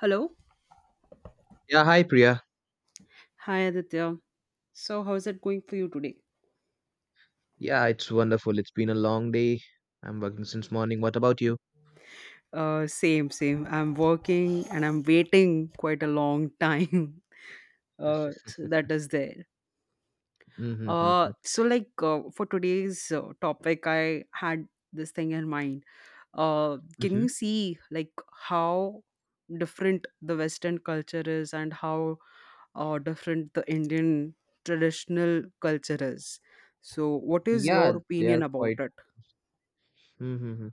Hello. Yeah, hi Priya. Hi Aditya. So, how's it going for you today? Yeah, it's wonderful. It's been a long day. I'm working since morning. What about you? Same. I'm working and I'm waiting quite a long time. So that is there. Mm-hmm. For today's topic, I had this thing in mind. Can Mm-hmm. you see like how different the Western culture is and how different the Indian traditional culture is? So, what is your Yeah, they opinion are about quite. it? Mm-hmm.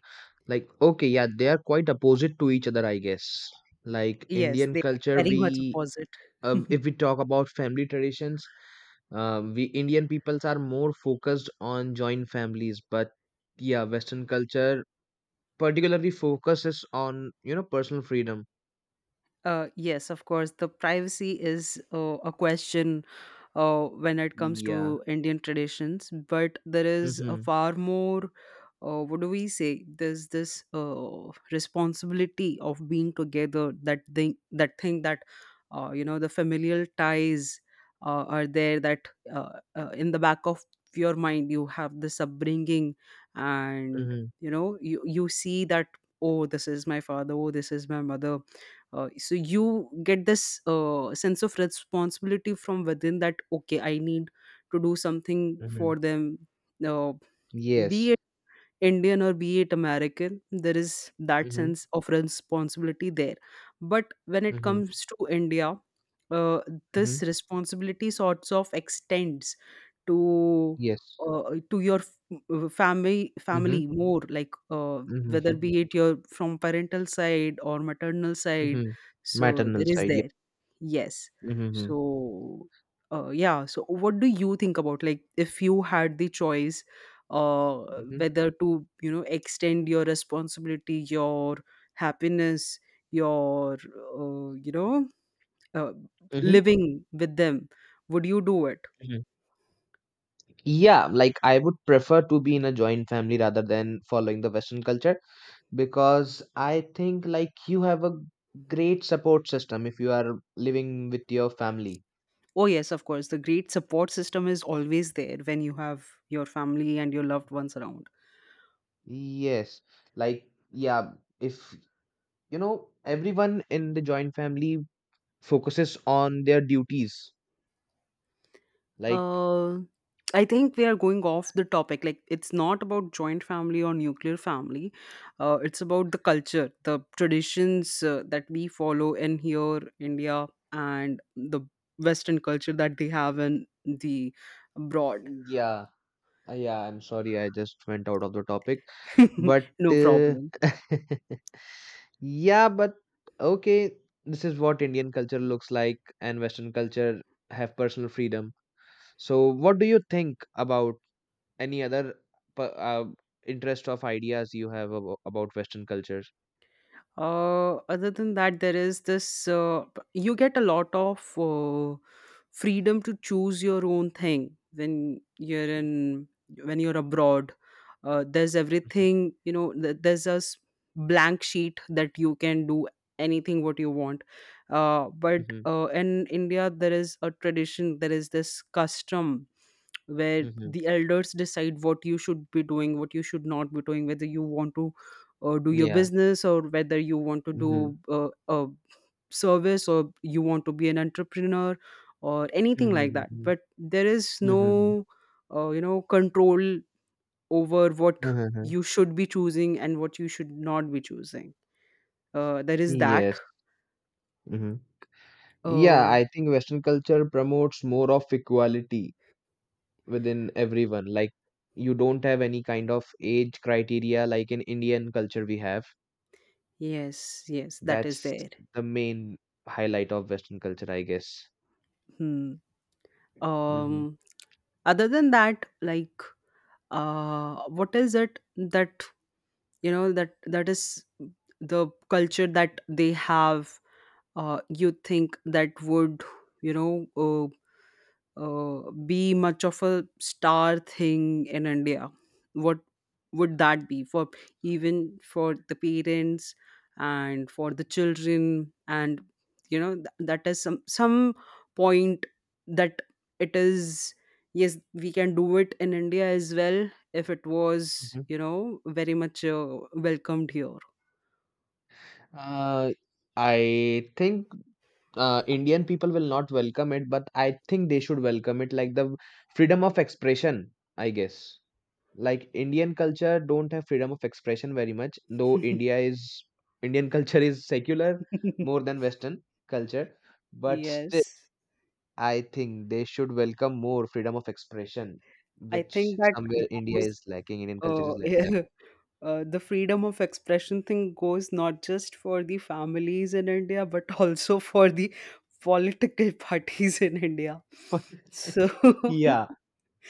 Like, okay, yeah, they are quite opposite to each other, I guess. Like Yes, Indian they are culture, very much we opposite. If we talk about family traditions, we Indian peoples are more focused on joint families, but yeah, Western culture particularly focuses on personal freedom. Yes, of course, the privacy is a question when it comes Yeah. to Indian traditions, but there is a Mm-hmm. far more, what do we say? There's this responsibility of being together. That thing, that thing that you know, the familial ties are there. That In the back of your mind, you have this upbringing, and Mm-hmm. you see that. Oh, this is my father. Oh, this is my mother. So you get this sense of responsibility from within that okay, I need to do something Mm-hmm. for them. uh, Yes. be Indian or be it American, there is that Mm-hmm. sense of responsibility there. But when it Mm-hmm. comes to India, uh, Mm-hmm. this responsibility sorts of extends to Yes. uh, to your f- family Mm-hmm. More like, whether Mm-hmm. be it your from parental side or maternal side. Mm-hmm. So Maternal there is side. Yeah. there yes Mm-hmm. so yeah so what do you think about, like, if you had the choice, uh, Mm-hmm. whether to, you know, extend your responsibility, your happiness, your uh, you know uh, Mm-hmm. living with them, would you do it? Mm-hmm. Yeah, like I would prefer to be in a joint family rather than following the Western culture because I think like you have a great support system if you are living with your family. Oh yes, of course, the great support system is always there when you have your family and your loved ones around. Yes, like yeah, if you know everyone in the joint family focuses on their duties, like Uh, I think we are going off the topic. Like, it's not about joint family or nuclear family. It's about the culture, the traditions that we follow in here, India, and the Western culture that they have in the abroad. yeah. Yeah, I'm sorry, I just went out of the topic. But No problem. yeah, but okay, this is what Indian culture looks like, and Western culture have personal freedom. So, what do you think about any other p- uh, interest of ideas you have about Western cultures? Other than that, there is this, you get a lot of freedom to choose your own thing when you're abroad. There's everything, you know. There's a blank sheet that you can do anything what you want. Uh, but Mm-hmm, hmm uh, in India, there is a tradition. There is this custom where hmm the elders decide what you should be doing, what you should not be doing, whether you want to or do your Yeah. business, or whether you want to Mm-hmm, do a service, or you want to be an entrepreneur or anything like that. hmm But there is no hmm control over what hmm you should be choosing and what you should not be choosing. There is that. Yes. hmm Yeah, uh, I think Western culture promotes more of equality within everyone. Like you don't have any kind of age criteria like in Indian culture we have. yes, yes, that is That's there. the main highlight of Western culture, I guess. Hmm. Hmm um Other than that, like, what is it that, you know that that is the culture that they have, you think that would, you know uh, be much of a star thing in India? What would that be for, even for the parents and for the children? And you know th- that is some point that it is, yes, we can do it in India as well if it was, hmm you know, very much welcomed here. Uh, I think Indian people will not welcome it, but I think they should welcome it like the freedom of expression, I guess. Like Indian culture don't have freedom of expression very much, though India is Indian culture is secular more than Western culture, but still Yes, I think they should welcome more freedom of expression, I which think that somewhere India goes. is lacking, Indian culture is yeah, lacking. The freedom of expression thing goes not just for the families in India, but also for the political parties in India. So yeah,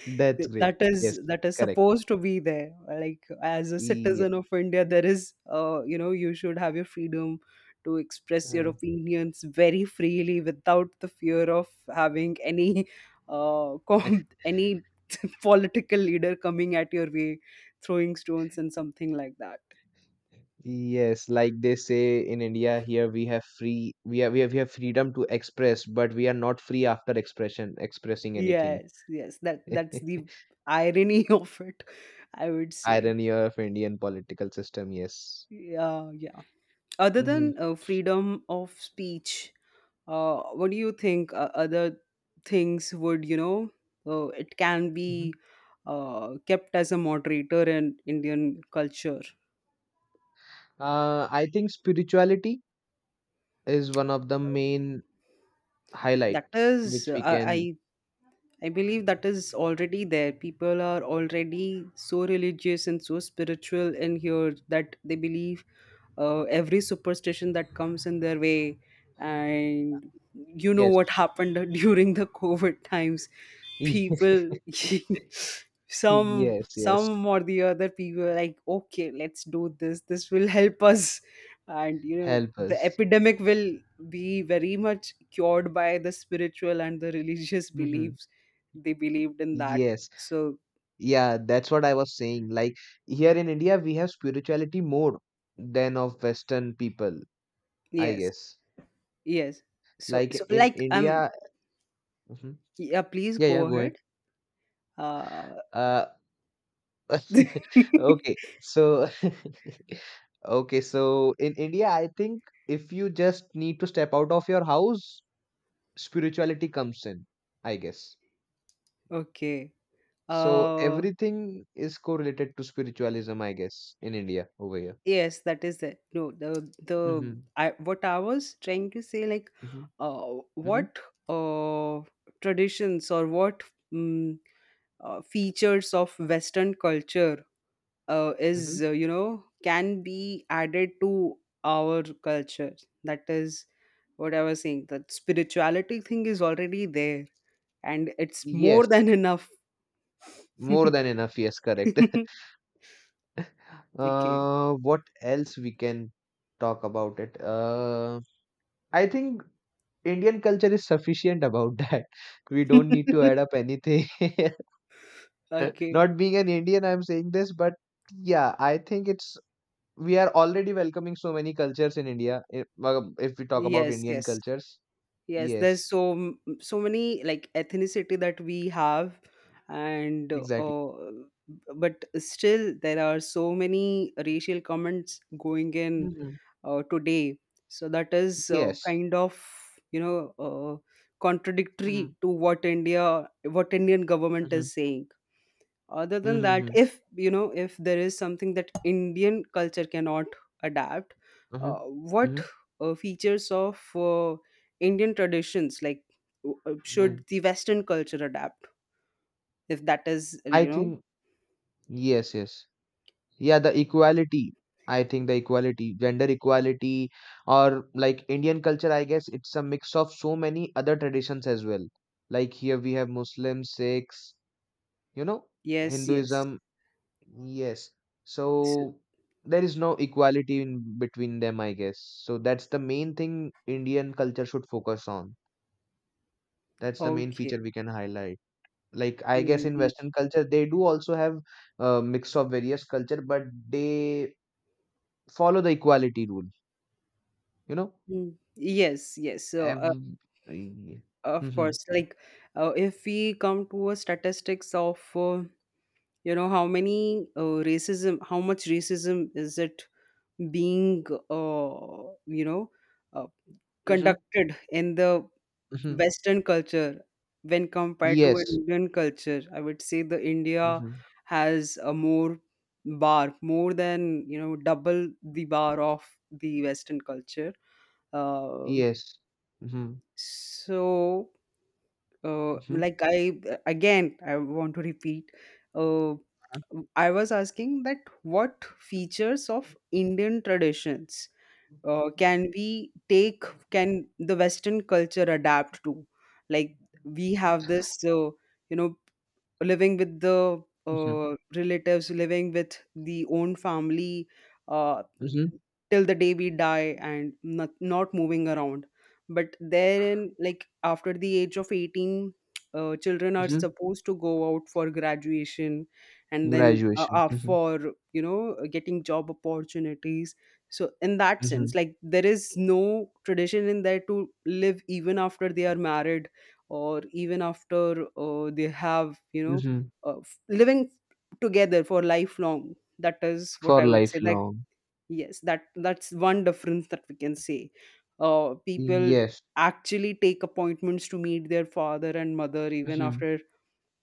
that's great. that Yes, is that is correct. supposed to be there. Like as a Yes. citizen of India, there is, you know, you should have your freedom to express your Uh, opinions very freely without the fear of having any any political leader coming at your way, throwing stones and something like that. Yes, like they say in India, here we have free, we have freedom to express, but we are not free after expression, expressing anything. Yes, yes. That's the irony of it, I would say. Irony of Indian political system, yes. Yeah, yeah. Other hmm than freedom of speech, what do you think other things would, you know, it can hmm be kept as a moderator in Indian culture? I think spirituality is one of the main That highlight is, which we I can I I believe that is already there. People are already so religious and so spiritual in here that they believe every superstition that comes in their way. And you know yes what happened during the COVID times. People, yes yes some or the other people are like, okay, let's do this. This will help us. And you know, help the us epidemic will be very much cured by the spiritual and the religious hmm beliefs they believed in that. yes so yeah that's what I was saying like here in India we have spirituality more than of Western people I yes guess yes so like so in like um India. Mhm. yeah please Yeah, go yeah, go ahead. ahead. uh Uh Okay so Okay, so in India, I think if you just need to step out of your house, spirituality comes in, I guess. okay. So uh everything is correlated to spiritualism, I guess, in India over here. yes, that is it. no the the Mm-hmm. i what I was trying to say, like, Mm-hmm. uh Mm-hmm. what uh traditions, or what, mm features of Western culture Mm-hmm. is you know, can be added to our culture. That is what I was saying, that spirituality thing is already there, and it's more Yes, than enough. more than enough. Yes, correct. Okay. What else we can talk about it? I think Indian culture is sufficient about that. We don't need to add up anything. Okay. Not being an Indian, I'm saying this, but yeah, I think it's we are already welcoming so many cultures in India. If we talk about Yes, Indian yes. cultures, Yes, yes, there's so so many, like, ethnicity that we have, and exactly. But still there are so many racial comments going in Mhm. Today. So that is, Yes. kind of, you know, Mhm. contradictory to what Indian government Mhm. is saying. Other than that, Mhm. if you know, if there is something that Indian culture cannot adapt, Uh-huh. What Mhm. Features of Indian traditions, like should Mhm. the Western culture adapt? If that is, I you know, think yes, yes. Yeah, the equality. I think the equality, gender equality, or like Indian culture, I guess it's a mix of so many other traditions as well. Like here we have Muslims, Sikhs, you know, yes, yes. Hinduism. Yes. So- So there is no equality in between them, I guess. So that's the main thing Indian culture should focus on. That's the main Okay. feature we can highlight. Like I guess in Mhm. Western culture, they do also have a mix of various culture, but they follow the equality rule. You know, Mm. Yes, yes. So, every. of Mm-hmm. course, like, if we come to a statistics of, you know, how many racism, how much racism is it being uh, you know uh, Mm-hmm. conducted in the Mm-hmm. Western culture when compared to an Yes. Indian culture, I would say the India Mm-hmm. has a more bar, more than, you know, double the bar of the Western culture. um Yes. Mm-hmm. so Mm-hmm. like I again, I want to repeat, uh, I was asking that what features of Indian traditions can we take, can the Western culture adapt to? Like, we have this you know, living with the Mm-hmm. Relatives, living with the own family uh, Mm-hmm. till the day we die, and not, not moving around. But therein, like, after the age of 18, children are Mm-hmm. supposed to go out for graduation, and then Graduation. Mm-hmm. for, you know, getting job opportunities. So in that sense, Mm-hmm. like, there is no tradition in there to live even after they are married, or even after they have, you know, Mm-hmm. Living together for lifelong. That is what For I would say, like, lifelong. yes, that's one difference that we can say. People Yes. actually take appointments to meet their father and mother even Mm-hmm. after,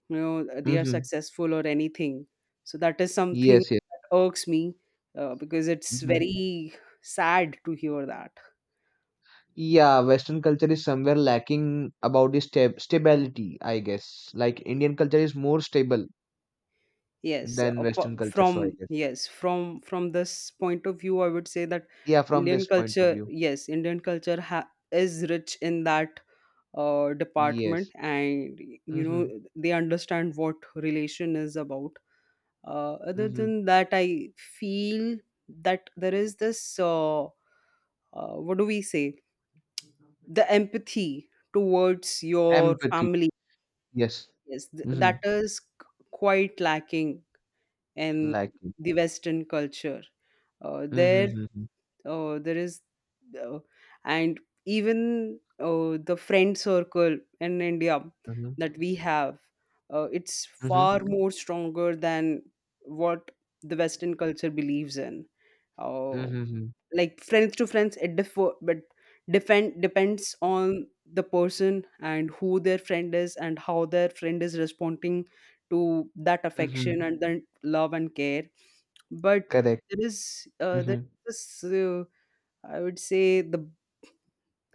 you know, they are Mm-hmm. successful or anything. So that is something Yes. Yes. that irks me, because it's Mm-hmm. very sad to hear that. Yeah, Western culture is somewhere lacking about the stability, I guess. Like Indian culture is more stable than Western culture, so I From, guess. yes, from this point of view, I would say that Yeah, from Indian this point of culture, view. yes, Indian culture is rich in that department, Yes. and, you know, Mm-hmm. they understand what relation is about. Other Mm-hmm. than that, I feel that there is this what do we say, the empathy towards your Empathy. family. Yes. Yes, Mm-hmm. that is quite lacking in Lacking. the Western culture. uh, there Mm-hmm. Mm-hmm. There is uh, and even the friend circle in India that Mm-hmm. we have, it's Mm-hmm. far more stronger than what the Western culture believes in. Uh, Mm-hmm. mm-hmm. like, friends to friends it differ, but depends on the person, and who their friend is, and how their friend is responding to that Mm-hmm. affection and then love and care. But Correct. there is Mm-hmm. This I would say, the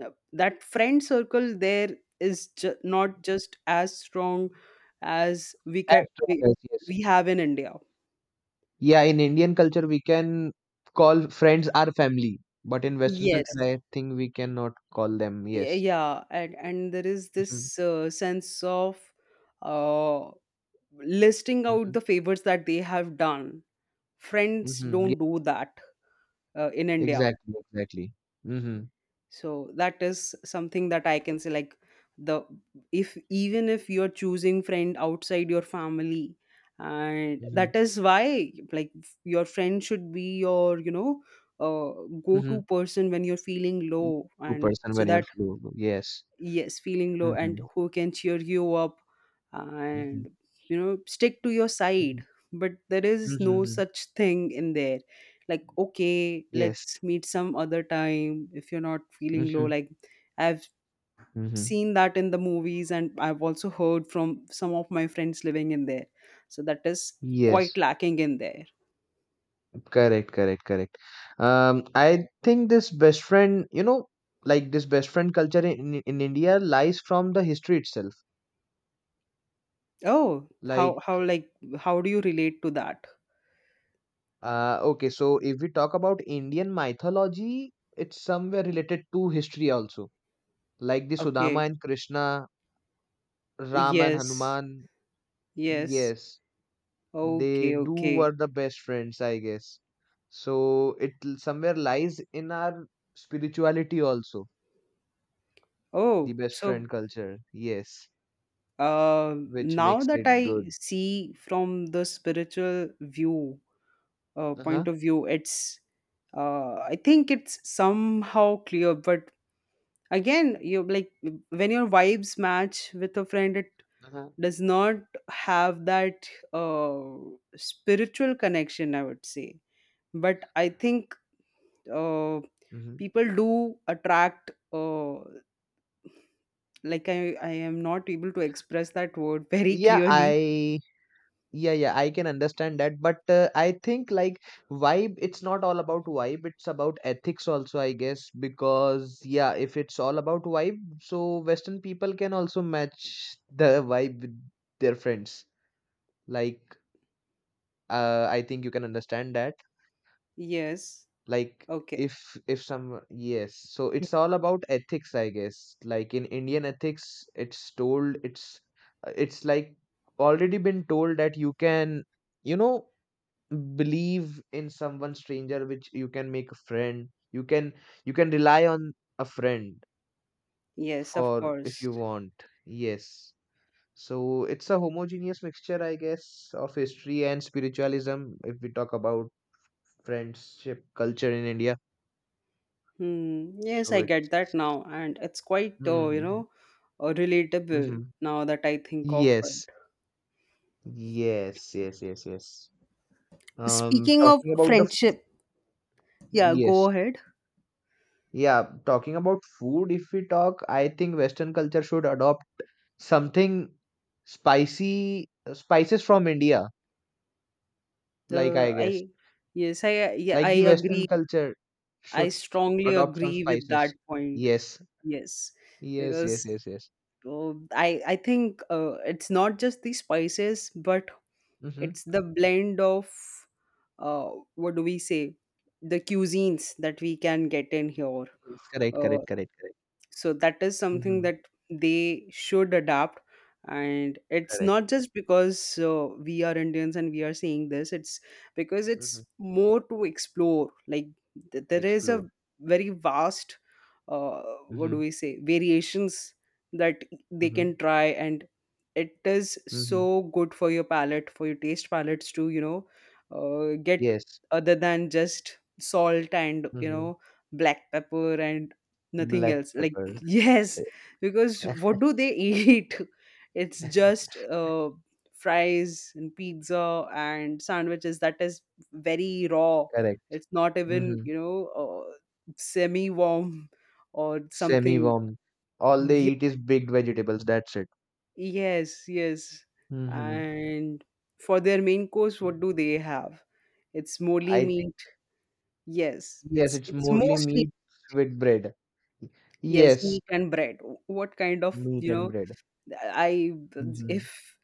that friend circle there is not just as strong as As strong as yes. we have in India. Yeah, in Indian culture we can call friends our family, but in Western Yes. culture I think we cannot call them. Yes. Yeah, and there is this Mm-hmm. Sense of uh, listing out Mm-hmm. the favors that they have done. Friends Mhm. don't Yeah, do that in India. exactly. Mm-hmm. So that is something that I can say, like, the, if even if you're choosing friend outside your family, and Mm-hmm. that is why, like, your friend should be your, you know, uh, Mm-hmm. go-to person when you're feeling low, Two and person so when you're that, flu. Yes. yes, feeling low and Mm-hmm. who can cheer you up, Mm-hmm. and, you know, stick to your Mm-hmm. side. But there is no Mm-hmm. such thing in there, like, okay, Yes. let's meet some other time if you're not feeling low. Mm-hmm. Like, I've Mm-hmm. seen that in the movies, and I've also heard from some of my friends living in there. So that is quite Yes. lacking in there. Correct. I think this best friend, you know, like this best friend culture in India lies from the history itself. Oh, how Like, how like, how do you relate to that? Okay, so if we talk about Indian mythology, it's somewhere related to history also. Like the Sudama Okay. and Krishna Ram and Yes, Hanuman, yes. yes, they Okay, do okay. were the best friends, I guess. So it somewhere lies in our spirituality also, the Oh, best friend so, culture, yes, which now makes that it I good. see from the spiritual view point Uh-huh. of view, it's, I think it's somehow clear. But again, you, like, when your vibes match with a friend, it Uh-huh. does not have that spiritual connection. I would say, but I think uh, hmm people do attract. Like I am not able to express that word very Yeah, clearly. I Yeah, yeah, I can understand that, but I think like vibe, it's not all about vibe, it's about ethics also, I guess, because yeah, if it's all about vibe, so Western people can also match the vibe with their friends. Like, I think you can understand that. Yes. Like, Okay. If some yes, so it's all about ethics, I guess. Like in Indian ethics, it's told, it's like already been told that you can, you know believe in someone stranger which you can make a friend you can rely on a friend Yes, of for if course. you want yes so it's a homogeneous mixture I guess of history and spiritualism if we talk about friendship culture in India Hmm. Yes, so I get it's that now, and it's quite, you mm-hmm, know, relatable mm-hmm. now that I think of yes it. yes yes yes yes Speaking of talking about the friendship, yeah, go yes ahead. Yeah, talking about food, if we talk, I think Western culture should adopt something spicy, spices from India, like I Uh, guess. I, yes, yeah, Like the I agree. Western culture I should strongly adopt some agree with that spices. point. Yes, Yes, yes, yes, because yes, yes. uh, I think it's not just the spices, but Mm-hmm. it's the blend of, uh, what do we say, the cuisines that we can get in here. Yes, correct, Uh, correct, correct, correct. so that is something Mm-hmm. that they should adapt. And it's Correct. not just because we are Indians and we are saying this, it's because Mm-hmm. it's more to explore. Like there is a Explore. very vast uh, what do Mm-hmm. we say variations that they Mm-hmm. can try, and it is Mm-hmm. so good for your palate, for your taste palates, to, you know, get Yes. other than just salt and, you Mm-hmm. know, black pepper and nothing Black else like. pepper. Yes, because what do they eat? It's just fries and pizza and sandwiches that is very raw. Correct. It's not even, Mm-hmm. you know, uh, semi warm or something. Semi-warm. All they Ye- eat is big vegetables. That's it. yes, yes. Hmm And for their main course, what do they have? It's mostly I think meat. Yes, yes, it's it's it's mostly mostly meat with bread. Y- yes Yes, meat and bread. What kind of, meat you and know? bread. I, Mm-hmm. if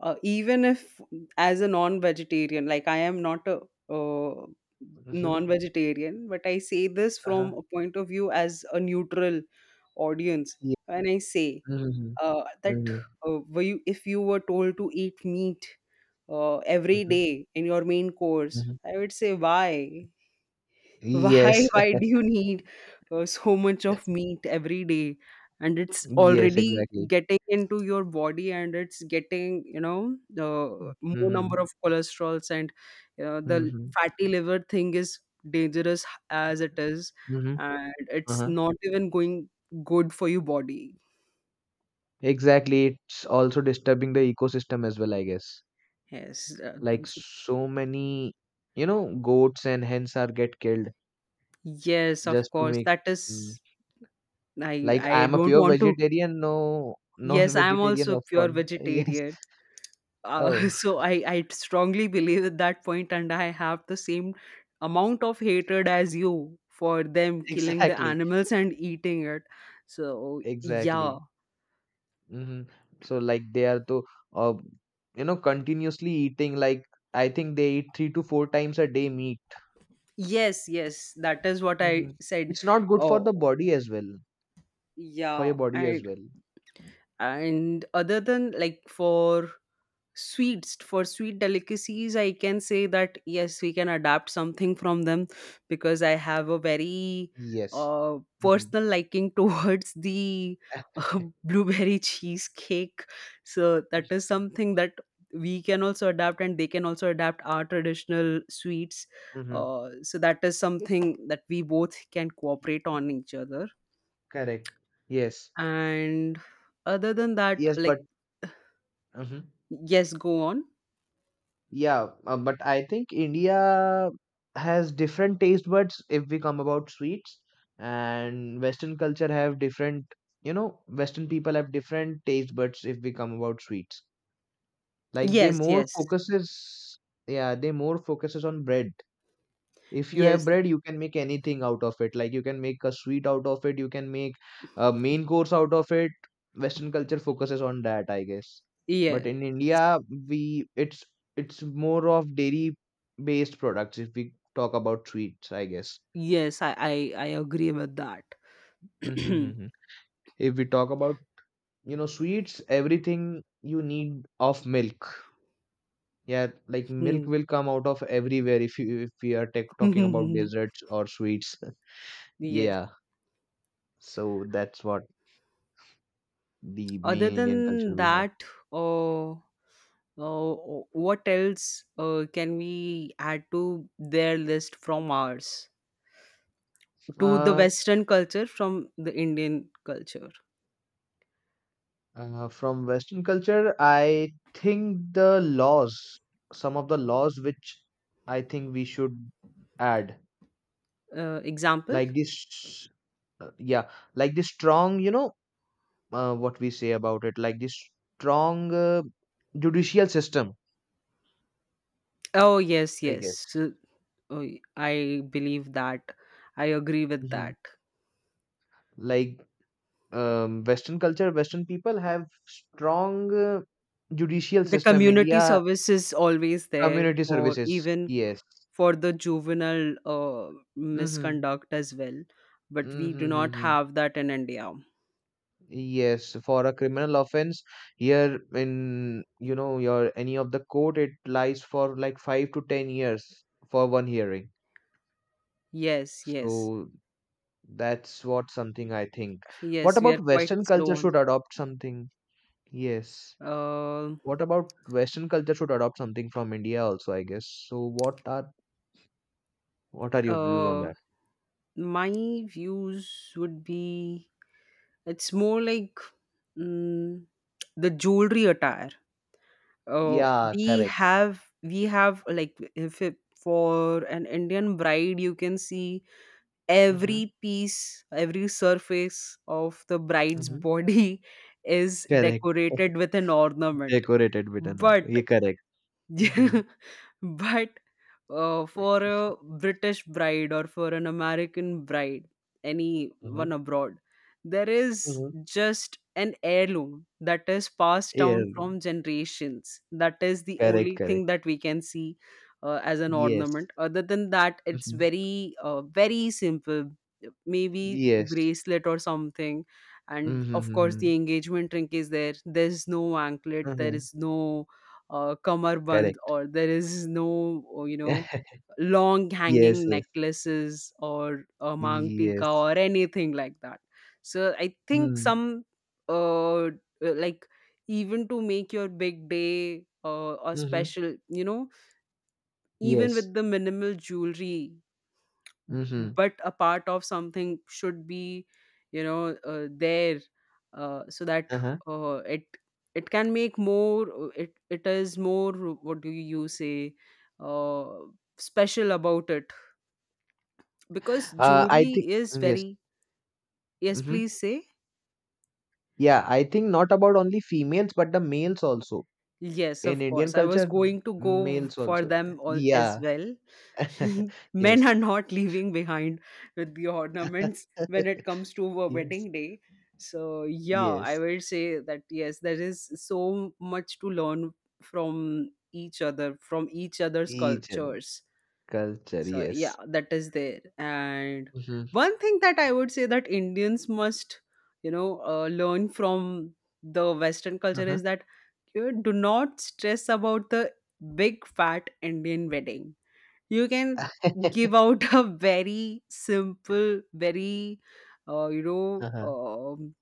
even if, as a non-vegetarian, like I am not a uh, Mm-hmm. non-vegetarian, but I say this Uh-huh. from a point of view as a neutral audience. Yes. When I say Mm-hmm. That hmm were you, if you were told to eat meat every Mm-hmm. day in your main course, Mm-hmm. I would say, why? Why? Yes. Why do you need so much of meat every day? And it's Yes. already Exactly. getting into your body, and it's getting, you know, the more Mm-hmm. number of cholesterols and, you know, the Mm-hmm. fatty liver thing is dangerous as it is, Mm-hmm. and it's Uh-huh. not even going good for your body. Exactly. It's also disturbing the ecosystem as well, I guess. Yes, Like so many, you know, goats and hens are get killed. yes, of Just to course. make That mm, is, I like I I am a don't pure want to. vegetarian, no Yes, I'm non-vegetarian also pure often. Yes. vegetarian. Oh, So I strongly believe at that point, and I have the same amount of hatred as you for them killing the exactly, animals and eating it. So yeah. exactly. hmm So like they are to uh, you know continuously eating. Like I think they eat three to four times a day meat. Yes, yes, that is what Hmm I said. It's not good for the Oh, body as well, for yeah. your body as well. And other than like for sweets, for sweet delicacies, I can say that yes, we can adapt something from them, because I have a very Yes. Hmm personal liking towards the blueberry cheesecake. So that is something that we can also adapt, and they can also adapt our traditional sweets. hmm So that is something that we both can cooperate on each other, Correct. Yes. and other than that, Yes, but. like. Hmm Yes, go on. Yeah, but I think India has different taste buds if we come about sweets, and Western culture have different, you know, Western people have different taste buds if we come about sweets. Like Yes, yes. Yeah, they more focuses on bread, if you have Yes, bread you can make anything out of it like you can make a sweet out of it you can make a main course out of it western culture focuses on that I guess but yes. in India we it's more of dairy based products if we talk about sweets I guess Yes, I agree with that. mm-hmm. mm-hmm. If we talk about you know sweets everything you need of milk yeah like milk Hmm. will come out of everywhere if you if we are tech talking about desserts or sweets Yes. yeah so that's what the Other main Indian culture than we have? that, uh, uh, what else can we add to their list from ours? To the Uh, Western culture from the Indian culture. From Western culture, I think the laws, some of the laws which I think we should add, Example? like this, yeah, like this strong, you know, what we say about it, like this strong judicial system, Oh, yes, I yes. guess. So, oh, I believe that. I agree with Hmm that. Like Western culture, Western people have strong judicial The system. community India service is always there community for services, even yes. for the juvenile misconduct as well, but we do not Mm-hmm. have that in India. Yes, for a criminal offense, here in you know your any of the court, it lies for like 5 to 10 years for one hearing. Yes, yes, So that's what something I think. What yes, we about are quite Western culture slow on. should adopt something? Yes. uh, What about Western culture should adopt something from India also, I guess. So what are your views on uh, that? my views would be it's more like, mm, the jewelry attire. uh, Yeah, we correct. have, we have, like if it, for an Indian bride, you can see Mm-hmm. every piece, every surface of the bride's Mm-hmm. body is Correct. decorated with an ornament. Decorated with an. But, Yeah, correct. Mm-hmm. but for a British bride or for an American bride, Mm-hmm. anyone abroad, there is Mm-hmm. just an heirloom that is passed Yeah, down from generations. That is the correct, only correct. thing that we can see as an Yes. ornament. Other than that, it's Mhm. very, very simple. Maybe Yes. bracelet or something, and Mhm, of course the mhm, engagement ring is there. There's no anklet. There mhm. is no kamarband, Correct. or there is no, you know, long Yes, hanging yes, necklaces or a mangtika yes. or anything like that. So I think Mm. some uh, like even to make your big day or Mhm. special, you know, even Yes. with the minimal jewelry, Mhm. but a part of something should be, you know, there, so that Uh-huh. uh, it it can make more, it, it is more, what do you say, uh, special about it, because I jewelry think is yes. very. Yes, Mhm. please say. Yeah, I think not about only females but the males also. Yes, In of Indian course, I was culture, going to go males for also. them all as Yeah. well. Men Yes. are not leaving behind with the ornaments when it comes to a Yes. wedding day. So, yeah, I Yes. will say that yes, there is so much to learn from each other, from each other's Each other. cultures. Culture, So, yeah, yes. that is there. And Mm-hmm. one thing that I would say that Indians must, you know, learn from the Western culture Uh-huh. is that you do not stress about the big fat Indian wedding. You can give out a very simple, very you know, Uh-huh.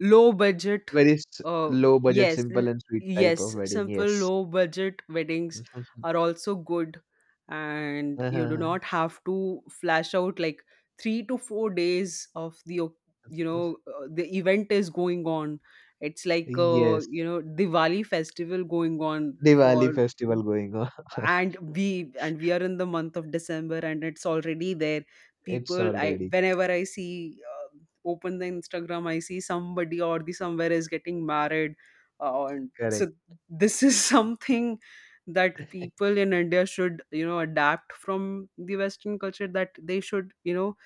low budget. Very s- uh, low budget, yes l- simple and sweet type of yes, wedding. simple Yes. low budget weddings are also good, and you do Uh-huh. not have to flash out like 3 to 4 days of you know, the event is going on. It's like, Yes. you know, Diwali festival going on for. Diwali festival going on. And we, and we are in the month of December, and it's already there. It's People, I already whenever I see, open the Instagram, I see somebody or the somewhere is getting married, and so correct. this is something that people in India should, you know, adapt from the Western culture, that they should, you know,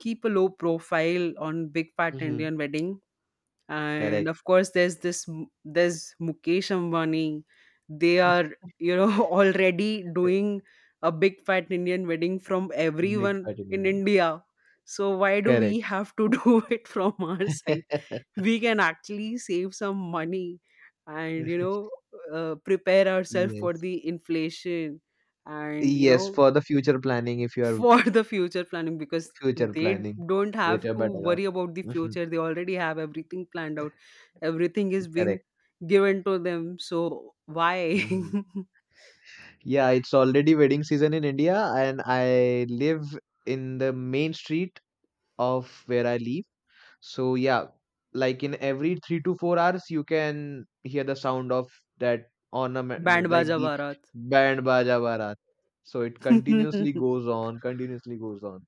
keep a low profile on big fat Mhm. Indian wedding. And Correct. of course there's this there's Mukesh Ambani. They are, you know, already doing a big fat Indian wedding from Big everyone party in ceremony. India, so why do we Correct. have to do it from our side? We can actually save some money and, you know, prepare ourselves for Yes. the inflation and, you Yes, know, for the future planning, if you are for the future planning, because future they planning don't with have your to worry buttercup. about the Hmm future. They already have everything planned out. Everything is being Correct. given to them, so why? Hmm Yeah, it's already wedding season in India, and I live in the main street of where I live. So yeah, like in every 3 to 4 hours, you can hear the sound of that Band ornament, like baja the barat. band Baja Barat. So it continuously goes on, continuously goes on.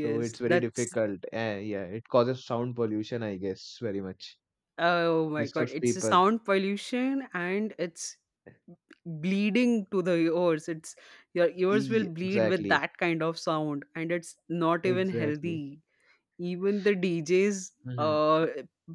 So it's very that's, difficult. Yeah, it causes sound pollution, I guess, very much. oh my god, Disturbs it's a people. sound pollution, and it's bleeding to the ears. It's, your ears will bleed with Exactly. that kind of sound, and it's not even Exactly. healthy. Even the DJs Mm-hmm. uh,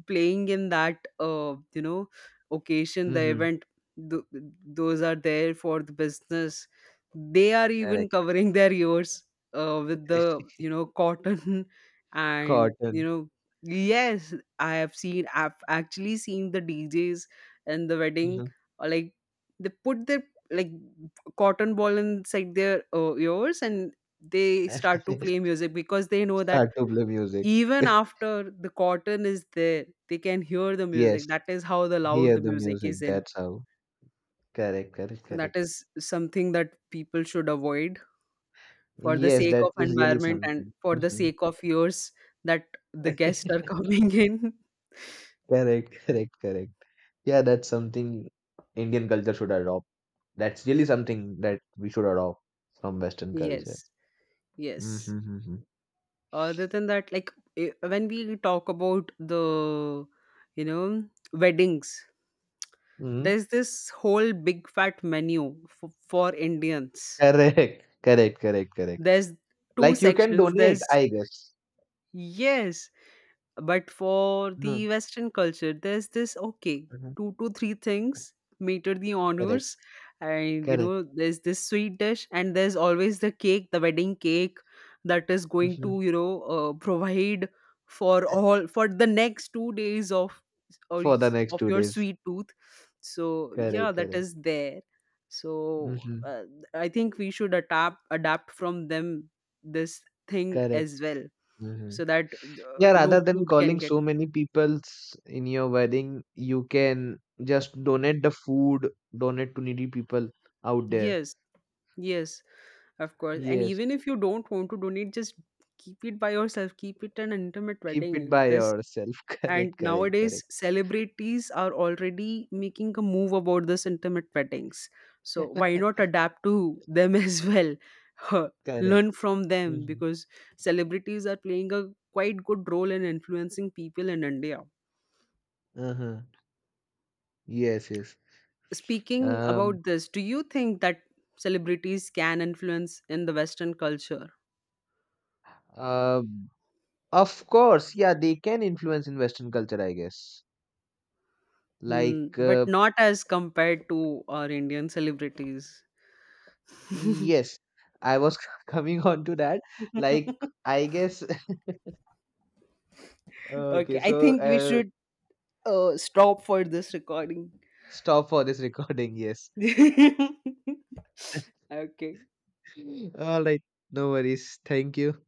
playing in that, you know, occasion, the Mm-hmm. event, th- those are there for the business. They are even Correct. covering their ears with the, you know, cotton and, you Cotton. know, yes, I have seen, I've actually seen the DJs and the wedding, Hmm like, they put their, like, cotton ball inside their ears, and they start to play music because they know that Start to play music. even after the cotton is there, they can hear the Yes, music. That is how the loud hear the the music is music. in. That's how. Correct, correct, So that correct. is something that people should avoid for the Yes, sake that of is really environment and something. for the Mhm. sake of ears that the guests are coming in. Correct, correct, correct. Yeah, that's something Indian culture should adopt. That's really something that we should adopt from Western culture. Yes, yes. Mm-hmm. Mm-hmm. Other than that, like, when we talk about the, you know, weddings, Mm-hmm. there's this whole big fat menu for Indians. Correct, correct, correct, correct. There's two Like you can sections. donate, There's I guess. yes, but for Mm-hmm. the Western culture, there's this okay, mm-hmm. two to three things meter the Correct, honors, and, you correct. know, there's this sweet dish, and there's always the cake, the wedding cake that is going to, Hmm you know, provide for all for the next 2 days of For the next of two your days. sweet tooth. So yeah, Correct, that correct. is there. So, Hmm I think we should adapt from them this thing Correct. as well, Hmm so that Yeah, no rather than food can calling get. so many peoples in your wedding, you can just donate the food, donate to needy people out there. Yes, yes, of course, and Yes, even if you don't want to donate, just keep it by yourself, keep it an intimate keep it wedding. by This, yourself. and Correct, correct, nowadays correct. celebrities are already making a move about this intimate weddings, so why not adapt to them as well? Huh, Correct. learn from them, Hmm because celebrities are playing a quite good role in influencing people in India. Uh-huh. Yes, yes. Speaking Um, about this, do you think that celebrities can influence in the Western culture? uh, of course, yeah, they can influence in Western culture, I guess. Hmm, Like, but not as compared to our Indian celebrities? yes, I was coming on to that. Like, I guess, okay, Okay, I so think we should stop for this recording. Stop for this recording, yes. Okay. All right, no worries. Thank you.